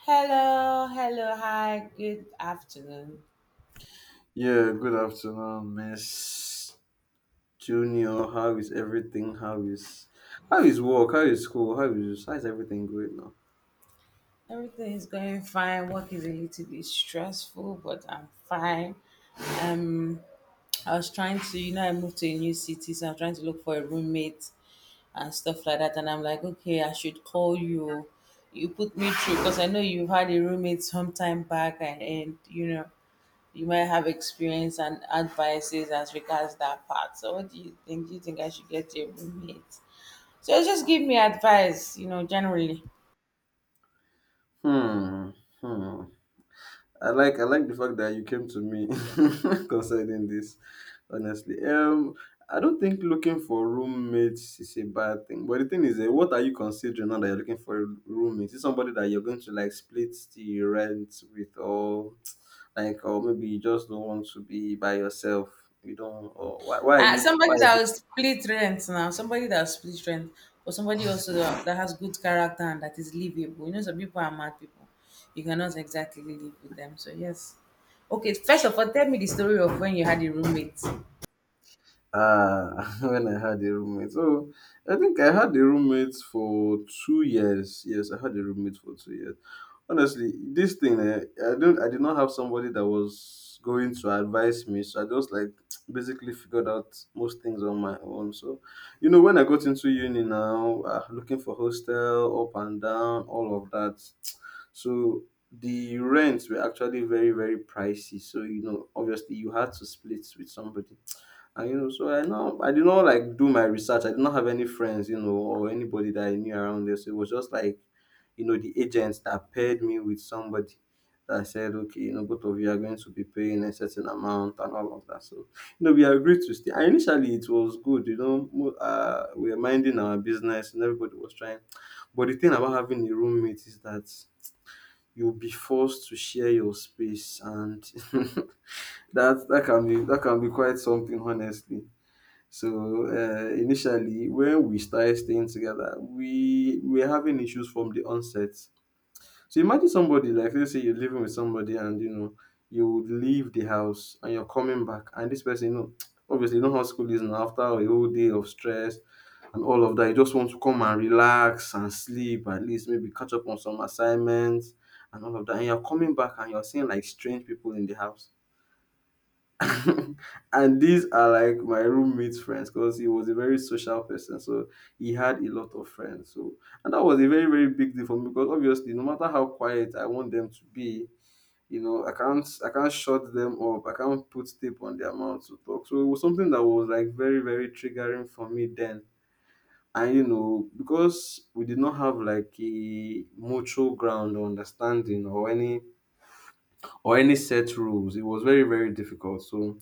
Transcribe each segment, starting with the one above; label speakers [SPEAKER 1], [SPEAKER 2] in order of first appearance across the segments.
[SPEAKER 1] Hello, hello, hi, good afternoon.
[SPEAKER 2] Yeah, good afternoon, Miss Junior. How is everything? How is work? How is school? How is everything going now?
[SPEAKER 1] Everything is going fine. Work is a little bit stressful, but I'm fine. Um, I was trying to, I moved to a new city, so I'm trying to look for a roommate and stuff like that. And I'm like, okay, I should call you. You put me through because I know you had a roommate some time back, and you might have experience and advices as regards that part. So, what do you think? Do you think I should get a roommate? So just give me advice, generally.
[SPEAKER 2] Hmm. Hmm. I like the fact that you came to me concerning this. Honestly, I don't think looking for roommates is a bad thing. But the thing is, what are you considering now that you're looking for a roommate? Is it somebody that you're going to like split the rent with, or like or maybe you just don't want to be by yourself you don't or why are you why
[SPEAKER 1] Somebody that will split rent now, somebody that will split rent, or somebody also that has good character and that is livable. You know, some people are mad people. You cannot exactly live with them. So yes. Okay, first of all, tell me the story of when you had a roommate.
[SPEAKER 2] Ah, when I had a roommate. So I think I had a roommate for 2 years. Yes, I had a roommate for 2 years. Honestly, this thing, I did not have somebody that was going to advise me. So I just like basically figured out most things on my own. So, you know, when I got into uni now, looking for hostel up and down, all of that. So the rents were actually very, very pricey. So you know, obviously, you had to split with somebody. And you know, so I know I did not like do my research. I did not have any friends, you know, or anybody that I knew around there. So it was just like, you know, the agents that paired me with somebody that said, okay, you know, both of you are going to be paying a certain amount and all of that. So, you know, we agreed to stay. And initially it was good, you know, we were minding our business and everybody was trying. But the thing about having a roommate is that you'll be forced to share your space, and that can be quite something, honestly. So initially, when we started staying together, we were having issues from the onset. So imagine somebody, like let's say you're living with somebody and you know you would leave the house and you're coming back and this person, you know, obviously you know how school is now, after a whole day of stress and all of that. You just want to come and relax and sleep, at least maybe catch up on some assignments and all of that. And you're coming back and you're seeing like strange people in the house. And these are like my roommate's friends, because he was a very social person. So he had a lot of friends. So, and that was a very, very big deal for me because obviously no matter how quiet I want them to be, you know, I can't shut them up. I can't put tape on their mouth to talk. So it was something that was like very, very triggering for me then. And you know, because we did not have like a mutual ground or understanding or any set rules. It was very, very difficult. So,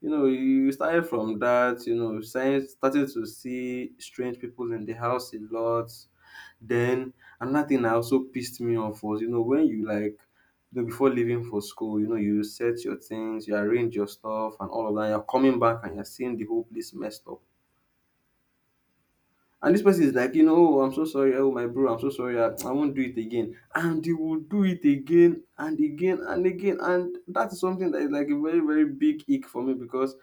[SPEAKER 2] you know, you started from that, you know, starting to see strange people in the house a lot. Then another thing that also pissed me off was, you know, when you like, you know, before leaving for school, you know, you set your things, you arrange your stuff and all of that. You're coming back and you're seeing the whole place messed up. And this person is like, you know, oh, I'm so sorry. Oh, my bro, I'm so sorry. I won't do it again. And he will do it again and again and again. And that is something that is like a very, very big ick for me because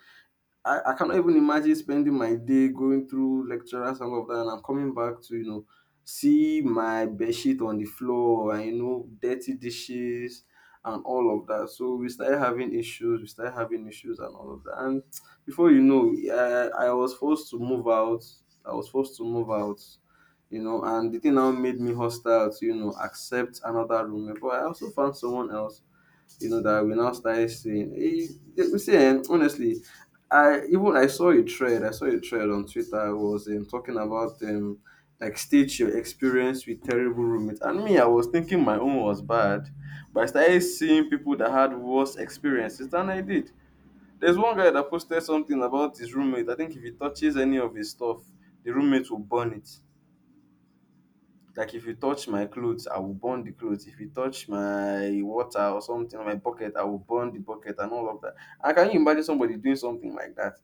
[SPEAKER 2] I cannot even imagine spending my day going through lecturers and all of that, and I'm coming back to you know see my bed sheet on the floor, and you know dirty dishes and all of that. So we started having issues. We started having issues and all of that. And before you know, I was forced to move out. I was forced to move out. You know, and the thing now made me hostile to you know accept another roommate. But I also found someone else, you know, that we now started seeing. You see, honestly, I even I saw a thread. I saw a thread on Twitter. It was talking about like state your experience with terrible roommates. And me, I was thinking my own was bad, but I started seeing people that had worse experiences than I did. There's one guy that posted something about his roommate. I think if he touches any of his stuff, the roommate will burn it. Like if you touch my clothes, I will burn the clothes. If you touch my water or something or my bucket, I will burn the bucket and all of that. And can you imagine somebody doing something like that?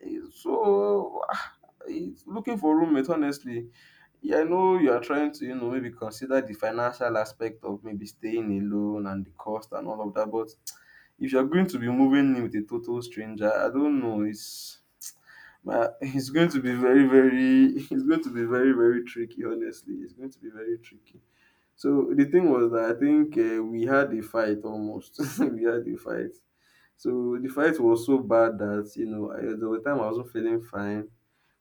[SPEAKER 2] So, it's looking for roommate, honestly. Yeah, I know you are trying to, you know, maybe consider the financial aspect of maybe staying alone and the cost and all of that. But if you're going to be moving in with a total stranger, I don't know. It's it's going to be very, very, it's going to be very, very tricky. Honestly, it's going to be very tricky. So the thing was that I think we had a fight almost. We had a fight. So the fight was so bad that you know there were time I wasn't feeling fine.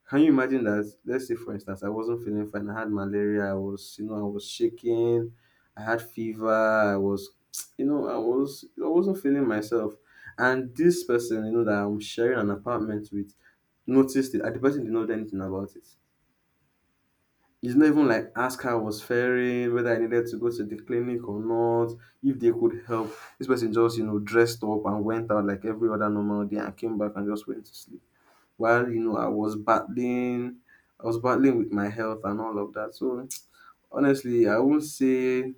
[SPEAKER 2] Can you imagine that? Let's say for instance I wasn't feeling fine. I had malaria. I was you know I was shaking. I had fever. I was you know I wasn't feeling myself. And this person you know that I'm sharing an apartment with noticed it. And the person did not do anything about it. It's not even like ask how I was faring, whether I needed to go to the clinic or not, if they could help. This person just, you know, dressed up and went out like every other normal day and came back and just went to sleep. While, you know, I was battling with my health and all of that. So honestly, I won't say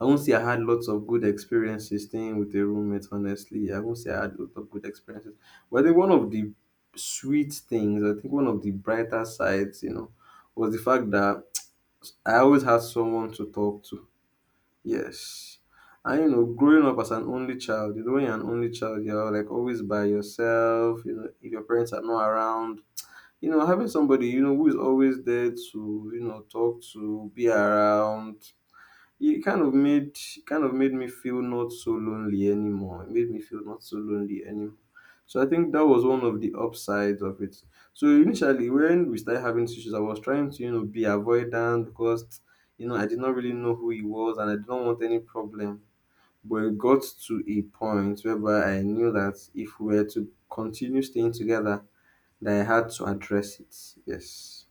[SPEAKER 2] I won't say I had lots of good experiences staying with a roommate, honestly. I won't say I had lots of good experiences. But I think one of the sweet things, I think one of the brighter sides, you know, was the fact that I always had someone to talk to. Yes. And you know, growing up as an only child, you know, when you're an only child, you're like always by yourself, you know, if your parents are not around. You know, having somebody, you know, who is always there to, you know, talk to, be around. It kind of made me feel not so lonely anymore. It made me feel not so lonely anymore. So I think that was one of the upsides of it. So initially, when we started having these issues, I was trying to you know be avoidant because you know I did not really know who he was and I did not want any problem. But it got to a point whereby I knew that if we were to continue staying together, that I had to address it. Yes,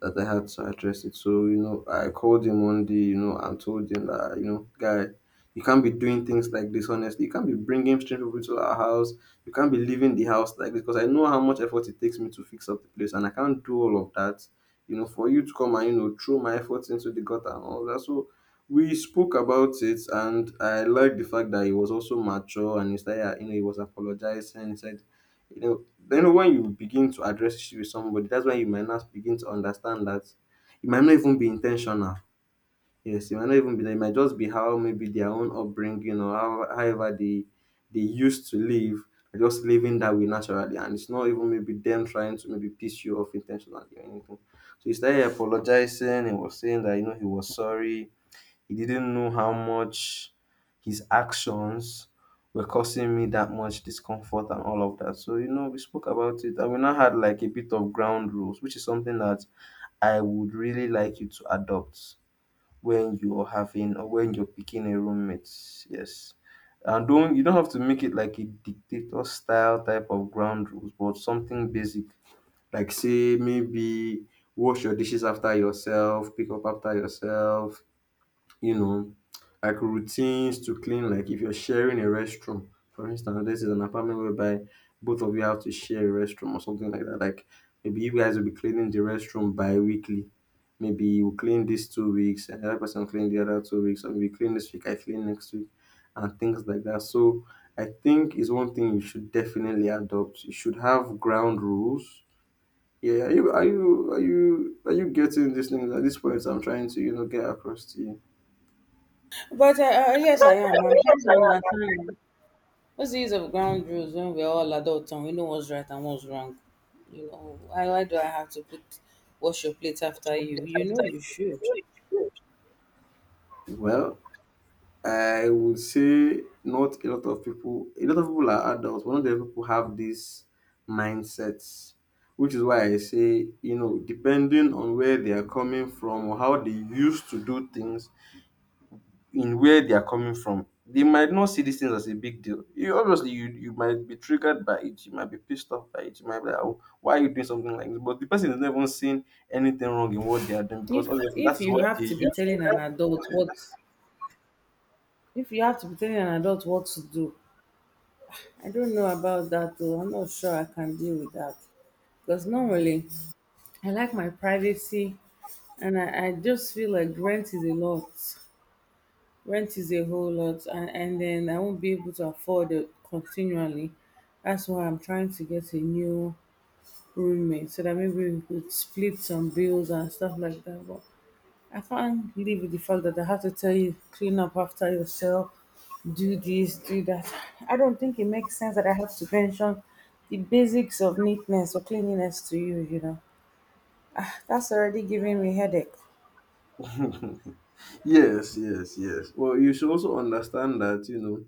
[SPEAKER 2] that I had to address it. So, you know, I called him one day, you know, and told him that, you know, guy, you can't be doing things like this, honestly. You can't be bringing strange people to our house. You can't be leaving the house like this because I know how much effort it takes me to fix up the place and I can't do all of that, you know, for you to come and, you know, throw my efforts into the gutter and all that. So, we spoke about it and I liked the fact that he was also mature and he started, you know, he was apologizing. He said you know then when you begin to address issue with somebody, that's when you might not begin to understand that it might not even be intentional. Yes, it might not even be it might just be how maybe their own upbringing or how however they used to live, are just living that way naturally, and it's not even maybe them trying to maybe piss you off intentionally or anything. So he started apologizing and was saying that you know he was sorry, he didn't know how much his actions were causing me that much discomfort and all of that. So, you know, we spoke about it and we now had like a bit of ground rules, which is something that I would really like you to adopt when you're having or when you're picking a roommate. Yes. And don't you don't have to make it like a dictator style type of ground rules, but something basic. Like say maybe wash your dishes after yourself, pick up after yourself, you know, like routines to clean, like if you're sharing a restroom, for instance, this is an apartment whereby both of you have to share a restroom or something like that. Like maybe you guys will be cleaning the restroom bi-weekly. Maybe you clean these 2 weeks, and the other person clean the other 2 weeks, or maybe you clean this week, I clean next week, and things like that. So I think is one thing you should definitely adopt. You should have ground rules. Yeah, are you getting these things at this point? I'm trying to get across to you.
[SPEAKER 1] But yes, I am. I'm trying to understand. What's the use of ground rules when we're all adults and we know what's right and what's wrong? Why do I have to put wash your plate after you? You know you should.
[SPEAKER 2] Well, I would say not a lot of people, a lot of people are adults, but not a lot of people have these mindsets, which is why I say, you know, depending on where they are coming from or how they used to do things in where they are coming from, they might not see these things as a big deal. You obviously you might be triggered by it, you might be pissed off by it, you might be like, oh, why are you doing something like this? But the person is never seen anything wrong in what they are doing because obviously that
[SPEAKER 1] If
[SPEAKER 2] is
[SPEAKER 1] you
[SPEAKER 2] what
[SPEAKER 1] have to
[SPEAKER 2] they.
[SPEAKER 1] be telling an adult what If you have to be telling an adult what to do, I don't know about that though. I'm not sure I can deal with that. Because normally I like my privacy, and I just feel like rent is a lot. Rent is a whole lot, and then I won't be able to afford it continually. That's why I'm trying to get a new roommate so that maybe we could split some bills and stuff like that. But I can't live with the fact that I have to tell you, clean up after yourself, do this, do that. I don't think it makes sense that I have to mention the basics of neatness or cleanliness to you, you know. Ah, that's already giving me headache.
[SPEAKER 2] Yes, yes, yes. Well, you should also understand that, you know,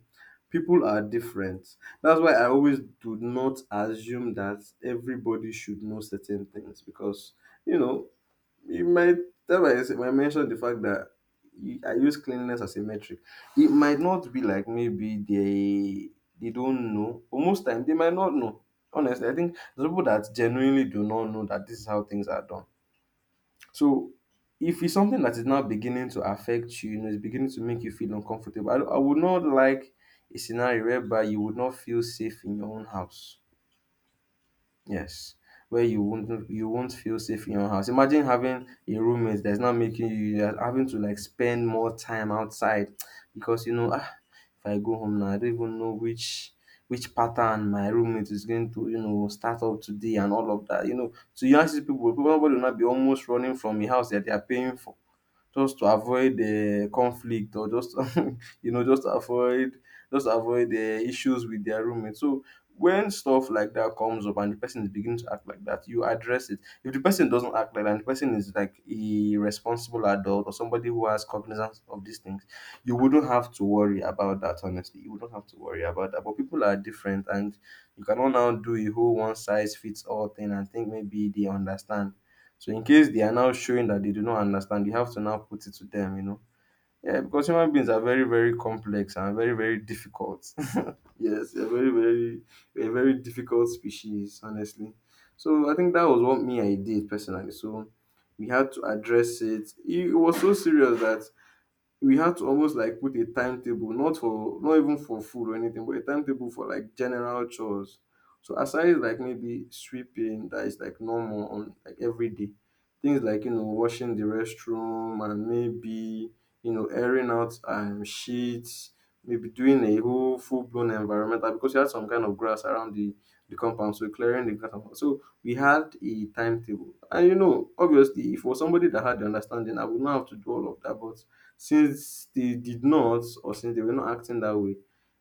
[SPEAKER 2] people are different. That's why I always do not assume that everybody should know certain things because, you know, it might, that's why I said- I mentioned the fact that I use cleanliness as a metric. It might not be like maybe they don't know, or most time they might not know. Honestly, I think there's people that genuinely do not know that this is how things are done. So if it's something that is now beginning to affect you, you know, it's beginning to make you feel uncomfortable. I would not like a scenario whereby you would not feel safe in your own house. Yes, where you won't feel safe in your house. Imagine having a roommate that's not making you you are having to like spend more time outside because you know, ah, if I go home now, I don't even know which pattern my roommate is going to, you know, start up today and all of that. You know, so you ask these people, people nobody will not be almost running from a house that they are paying for just to avoid the conflict or just you know just avoid just avoid the issues with their roommate. So when stuff like that comes up and the person is beginning to act like that, you address it. If the person doesn't act like that, and the person is like a responsible adult or somebody who has cognizance of these things, you wouldn't have to worry about that. Honestly, you wouldn't have to worry about that. But people are different, and you cannot now do a whole one size fits all thing and think maybe they understand, so in case they are now showing that they do not understand, you have to now put it to them, you know. Yeah, because human beings are very, very complex and very, very difficult. Yes, they're a very difficult species, honestly. So I think that was what me I did personally. So we had to address it. It was so serious that we had to almost like put a timetable, not for not even for food or anything, but a timetable for like general chores. So aside like maybe sweeping that is like normal on like every day, things like you know washing the restroom and maybe you know airing out sheets, maybe doing a whole full blown environmental because you had some kind of grass around the compound, so clearing the grass. So we had a timetable, and you know obviously for somebody that had the understanding, I would not have to do all of that, but since they did not, or since they were not acting that way,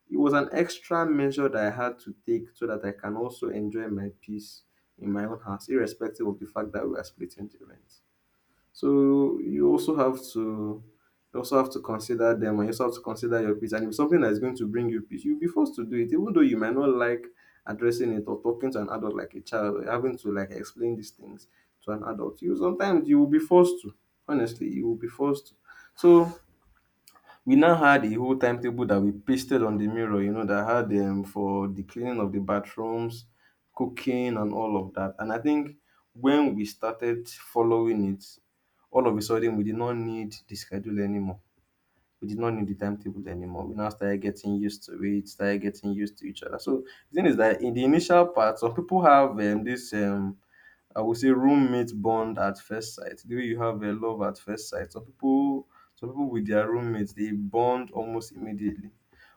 [SPEAKER 2] it was an extra measure that I had to take so that I can also enjoy my peace in my own house, irrespective of the fact that we are splitting the rent. So you also have to consider them and you also have to consider your peace. And if something that is going to bring you peace, you'll be forced to do it, even though you might not like addressing it or talking to an adult like a child or having to like explain these things to an adult. You sometimes you will be forced to. Honestly, you will be forced to. So we now had a whole timetable that we pasted on the mirror, you know, that had for the cleaning of the bathrooms, cooking, and all of that. And I think when we started following it, all of a sudden we did not need the schedule anymore. We did not need the timetable anymore. We now started getting used to it, started getting used to each other. So the thing is that in the initial part, some people have this I would say roommate bond at first sight. The way you have a love at first sight. Some people with their roommates, they bond almost immediately.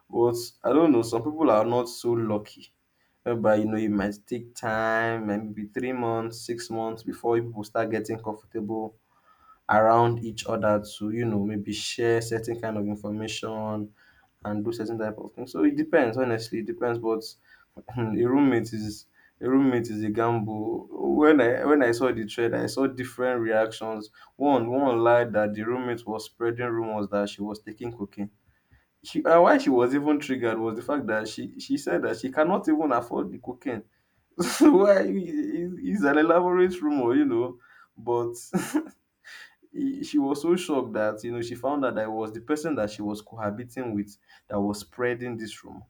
[SPEAKER 2] But I don't know. Some people are not so lucky. But you know, it might take time, maybe 3 months, 6 months before you people start getting comfortable around each other to you know maybe share certain kind of information and do certain type of things. So it depends, honestly, it depends. But a roommate is a roommate is a gamble. When I saw the thread, I saw different reactions. One lied that the roommate was spreading rumors that she was taking cocaine. She, and why she was even triggered was the fact that she said that she cannot even afford the cocaine. why it- it's an elaborate rumor, you know. But she was so shocked that you know she found out that it was the person that she was cohabiting with that was spreading this rumor.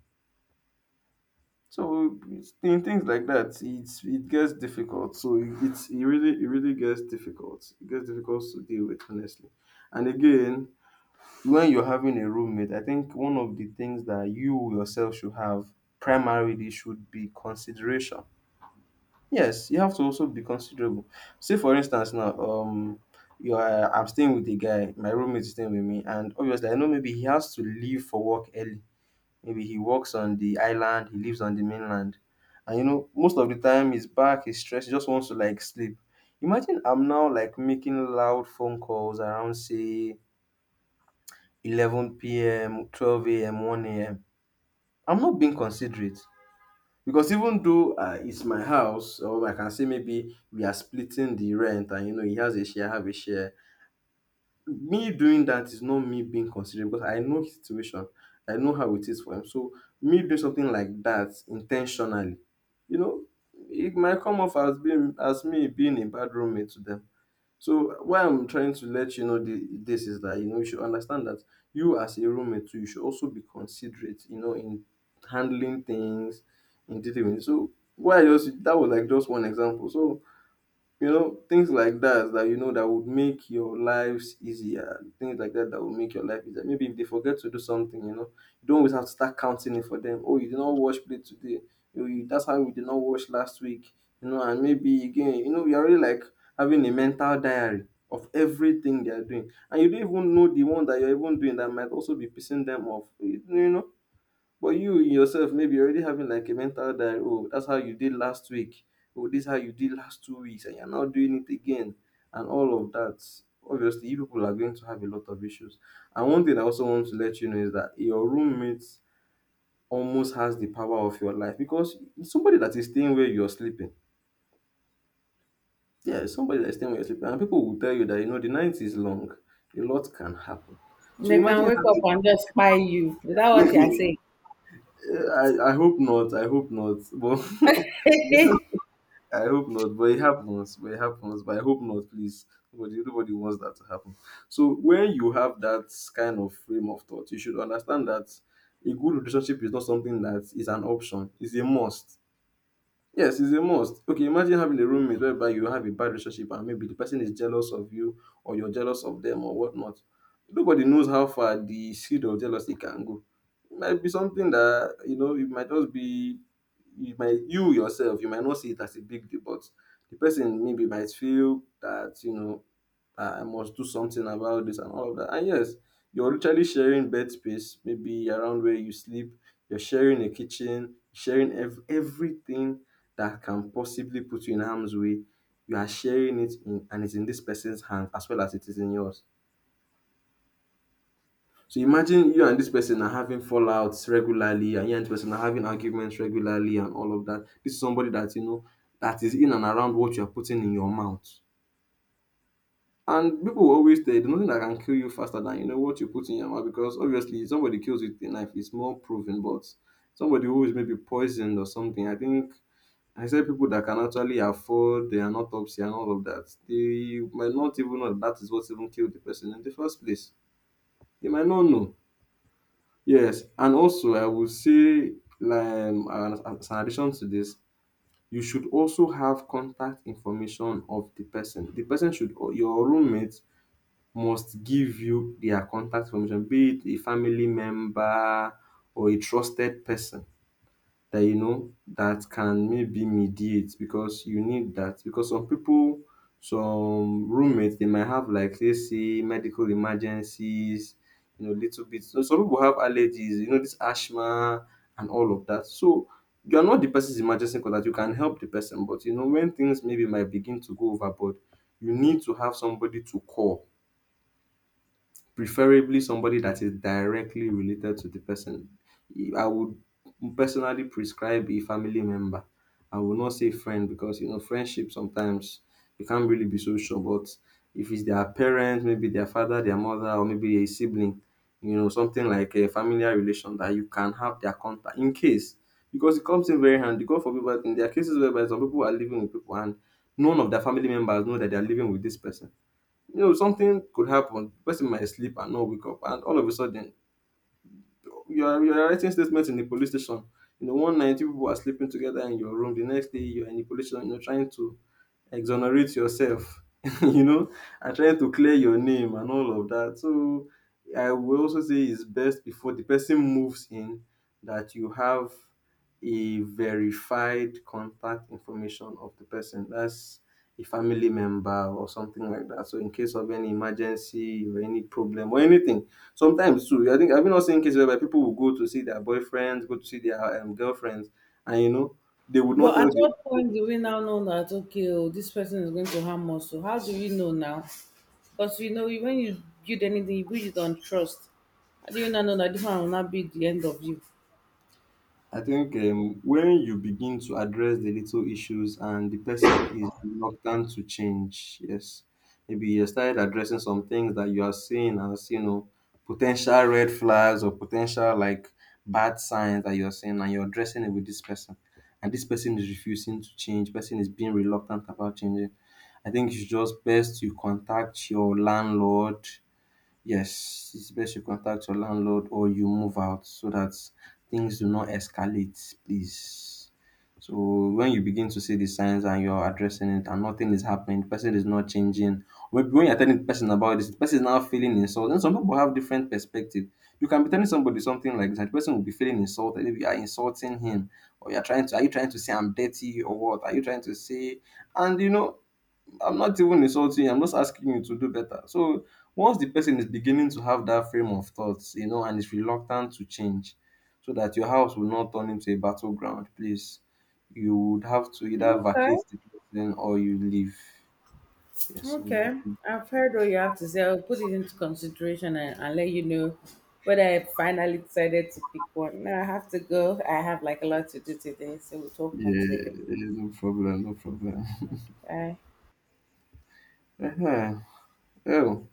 [SPEAKER 2] So in things like that, it gets difficult. So it really gets difficult. It gets difficult to deal with, honestly. And again, when you're having a roommate, I think one of the things that you yourself should have primarily should be consideration. Yes, you have to also be considerable. Say for instance now, you are I'm staying with a guy, my roommate is staying with me, and obviously I know maybe he has to leave for work early. Maybe he works on the island, he lives on the mainland. And you know, most of the time he's back, he's stressed, he just wants to like sleep. Imagine I'm now like making loud phone calls around say 11 p.m., 12 a.m., 1 a.m. I'm not being considerate because even though it's my house, or I can say maybe we are splitting the rent and you know, he has a share, I have a share. Me doing that is not me being considerate because I know his situation. I know how it is for him. So me doing something like that intentionally, you know, it might come off as being as me being a bad roommate to them. So why I'm trying to let you know the, this is that you know you should understand that you as a roommate too, you should also be considerate, you know, in handling things, in dealing with. So why I just that was like just one example. So you know, things like that that you know that would make your lives easier. Things like that that would make your life easier. Maybe if they forget to do something, you know, you don't always have to start counting it for them. Oh, you did not wash plate today. That's how we did not wash last week. You know, and maybe again, you know, you're already like having a mental diary of everything they are doing, and you don't even know the one that you're even doing that might also be pissing them off. You know, but you yourself, maybe you're already having like a mental diary. Oh, that's how you did last week. Oh, this is how you did last 2 weeks, and you're now doing it again, and all of that. Obviously, you people are going to have a lot of issues. And one thing I also want to let you know is that your roommate almost has the power of your life because it's somebody that is staying where you're sleeping. Yeah, it's somebody that is staying where you're sleeping. And people will tell you that, you know, the night is long, a lot can happen. So
[SPEAKER 1] They can
[SPEAKER 2] imagine
[SPEAKER 1] wake up
[SPEAKER 2] having,
[SPEAKER 1] and just spy you. Is that what you're saying?
[SPEAKER 2] I hope not, I hope not. But I hope not, but it happens. But it happens. But I hope not, please. Nobody wants that to happen. So when you have that kind of frame of thought, you should understand that a good relationship is not something that is an option; it's a must. Yes, it's a must. Okay, imagine having a roommate whereby you have a bad relationship and maybe the person is jealous of you or you're jealous of them or whatnot. Nobody knows how far the seed of jealousy can go. It might be something that, you know, it might just be you yourself, you might not see it as a big deal, but the person maybe might feel that, you know, I must do something about this and all of that. And yes, you're literally sharing bed space, maybe around where you sleep. You're sharing a kitchen, sharing everything that can possibly put you in harm's way. You are sharing it, and it's in this person's hands as well as it is in yours. So imagine you and this person are having fallouts regularly, and you and this person are having arguments regularly, and all of that. This is somebody that you know that is in and around what you are putting in your mouth. And people will always say you, there's nothing that can kill you faster than you know what you put in your mouth because obviously if somebody kills you with a knife, it's more proven. But somebody who is maybe poisoned or something, I think I said people that can actually afford an autopsy and all of that, they might not even know that is what even killed the person in the first place. They might not know. Yes, and also I would say, like, as an addition to this, you should also have contact information of the person. The person should, or your roommate must give you their contact information, be it a family member or a trusted person that you know that can maybe mediate because you need that. Because some people, some roommates, they might have like let's say medical emergencies, you know, little bit. So some people have allergies, you know, this asthma and all of that. So you are not the person's emergency contact. You can help the person, but you know when things maybe might begin to go overboard, you need to have somebody to call preferably somebody that is directly related to the person. I would personally prescribe a family member. I will not say friend because you know friendship sometimes you can't really be so sure. But if it's their parent, maybe their father, their mother, or maybe a sibling, you know something like a familiar relation that you can have their contact in case because it comes in very handy. God forbid, but in their cases whereby some people are living with people and none of their family members know that they are living with this person, you know, something could happen. The person might sleep and not wake up, and all of a sudden you are writing statements in the police station. You know, one night you people are sleeping together in your room. The next day you are in the police station. You're trying to exonerate yourself. You know, and trying to clear your name and all of that. So I will also say it's best before the person moves in that you have a verified contact information of the person. That's a family member or something like that. So in case of any emergency or any problem or anything. Sometimes too, I think I have you not seen cases whereby people will go to see their boyfriends, go to see their girlfriends, and you know they would not
[SPEAKER 1] But
[SPEAKER 2] tell
[SPEAKER 1] at
[SPEAKER 2] the.
[SPEAKER 1] what point do we now know that, okay, oh, this person is going to harm us? So how do we know now? Because you know when you build anything, you build it on trust. How do you not know that this one will not be the end of you?
[SPEAKER 2] I think when you begin to address the little issues and the person is reluctant to change, yes, maybe you started addressing some things that you are seeing as you know potential red flags or potential like bad signs that you are seeing, and you're addressing it with this person, and this person is refusing to change. Person is being reluctant about changing. I think it's just best you contact your landlord. Yes, it's best you contact your landlord or you move out so that things do not escalate, please. So when you begin to see the signs and you're addressing it and nothing is happening, the person is not changing. Maybe when you're telling the person about this, the person is now feeling insulted. And some people have different perspective. You can be telling somebody something like that, the person will be feeling insulted. If you are insulting him, or you're trying to, are you trying to say I'm dirty or what? Are you trying to say? And you know, I'm not even insulting you. I'm just asking you to do better. So once the person is beginning to have that frame of thoughts, you know, and is reluctant to change, so that your house will not turn into a battleground, please, you would have to either
[SPEAKER 1] Okay,
[SPEAKER 2] vacate the person or you leave. Yes. So
[SPEAKER 1] okay.
[SPEAKER 2] you,
[SPEAKER 1] I've heard what you have to say. I'll put it into consideration, and let you know whether I finally decided to pick one. Now I have to go. I have like a lot to do today, so we'll talk
[SPEAKER 2] yeah,
[SPEAKER 1] much later.
[SPEAKER 2] yeah, no problem, no problem.
[SPEAKER 1] Bye.
[SPEAKER 2] Uh-huh. Oh.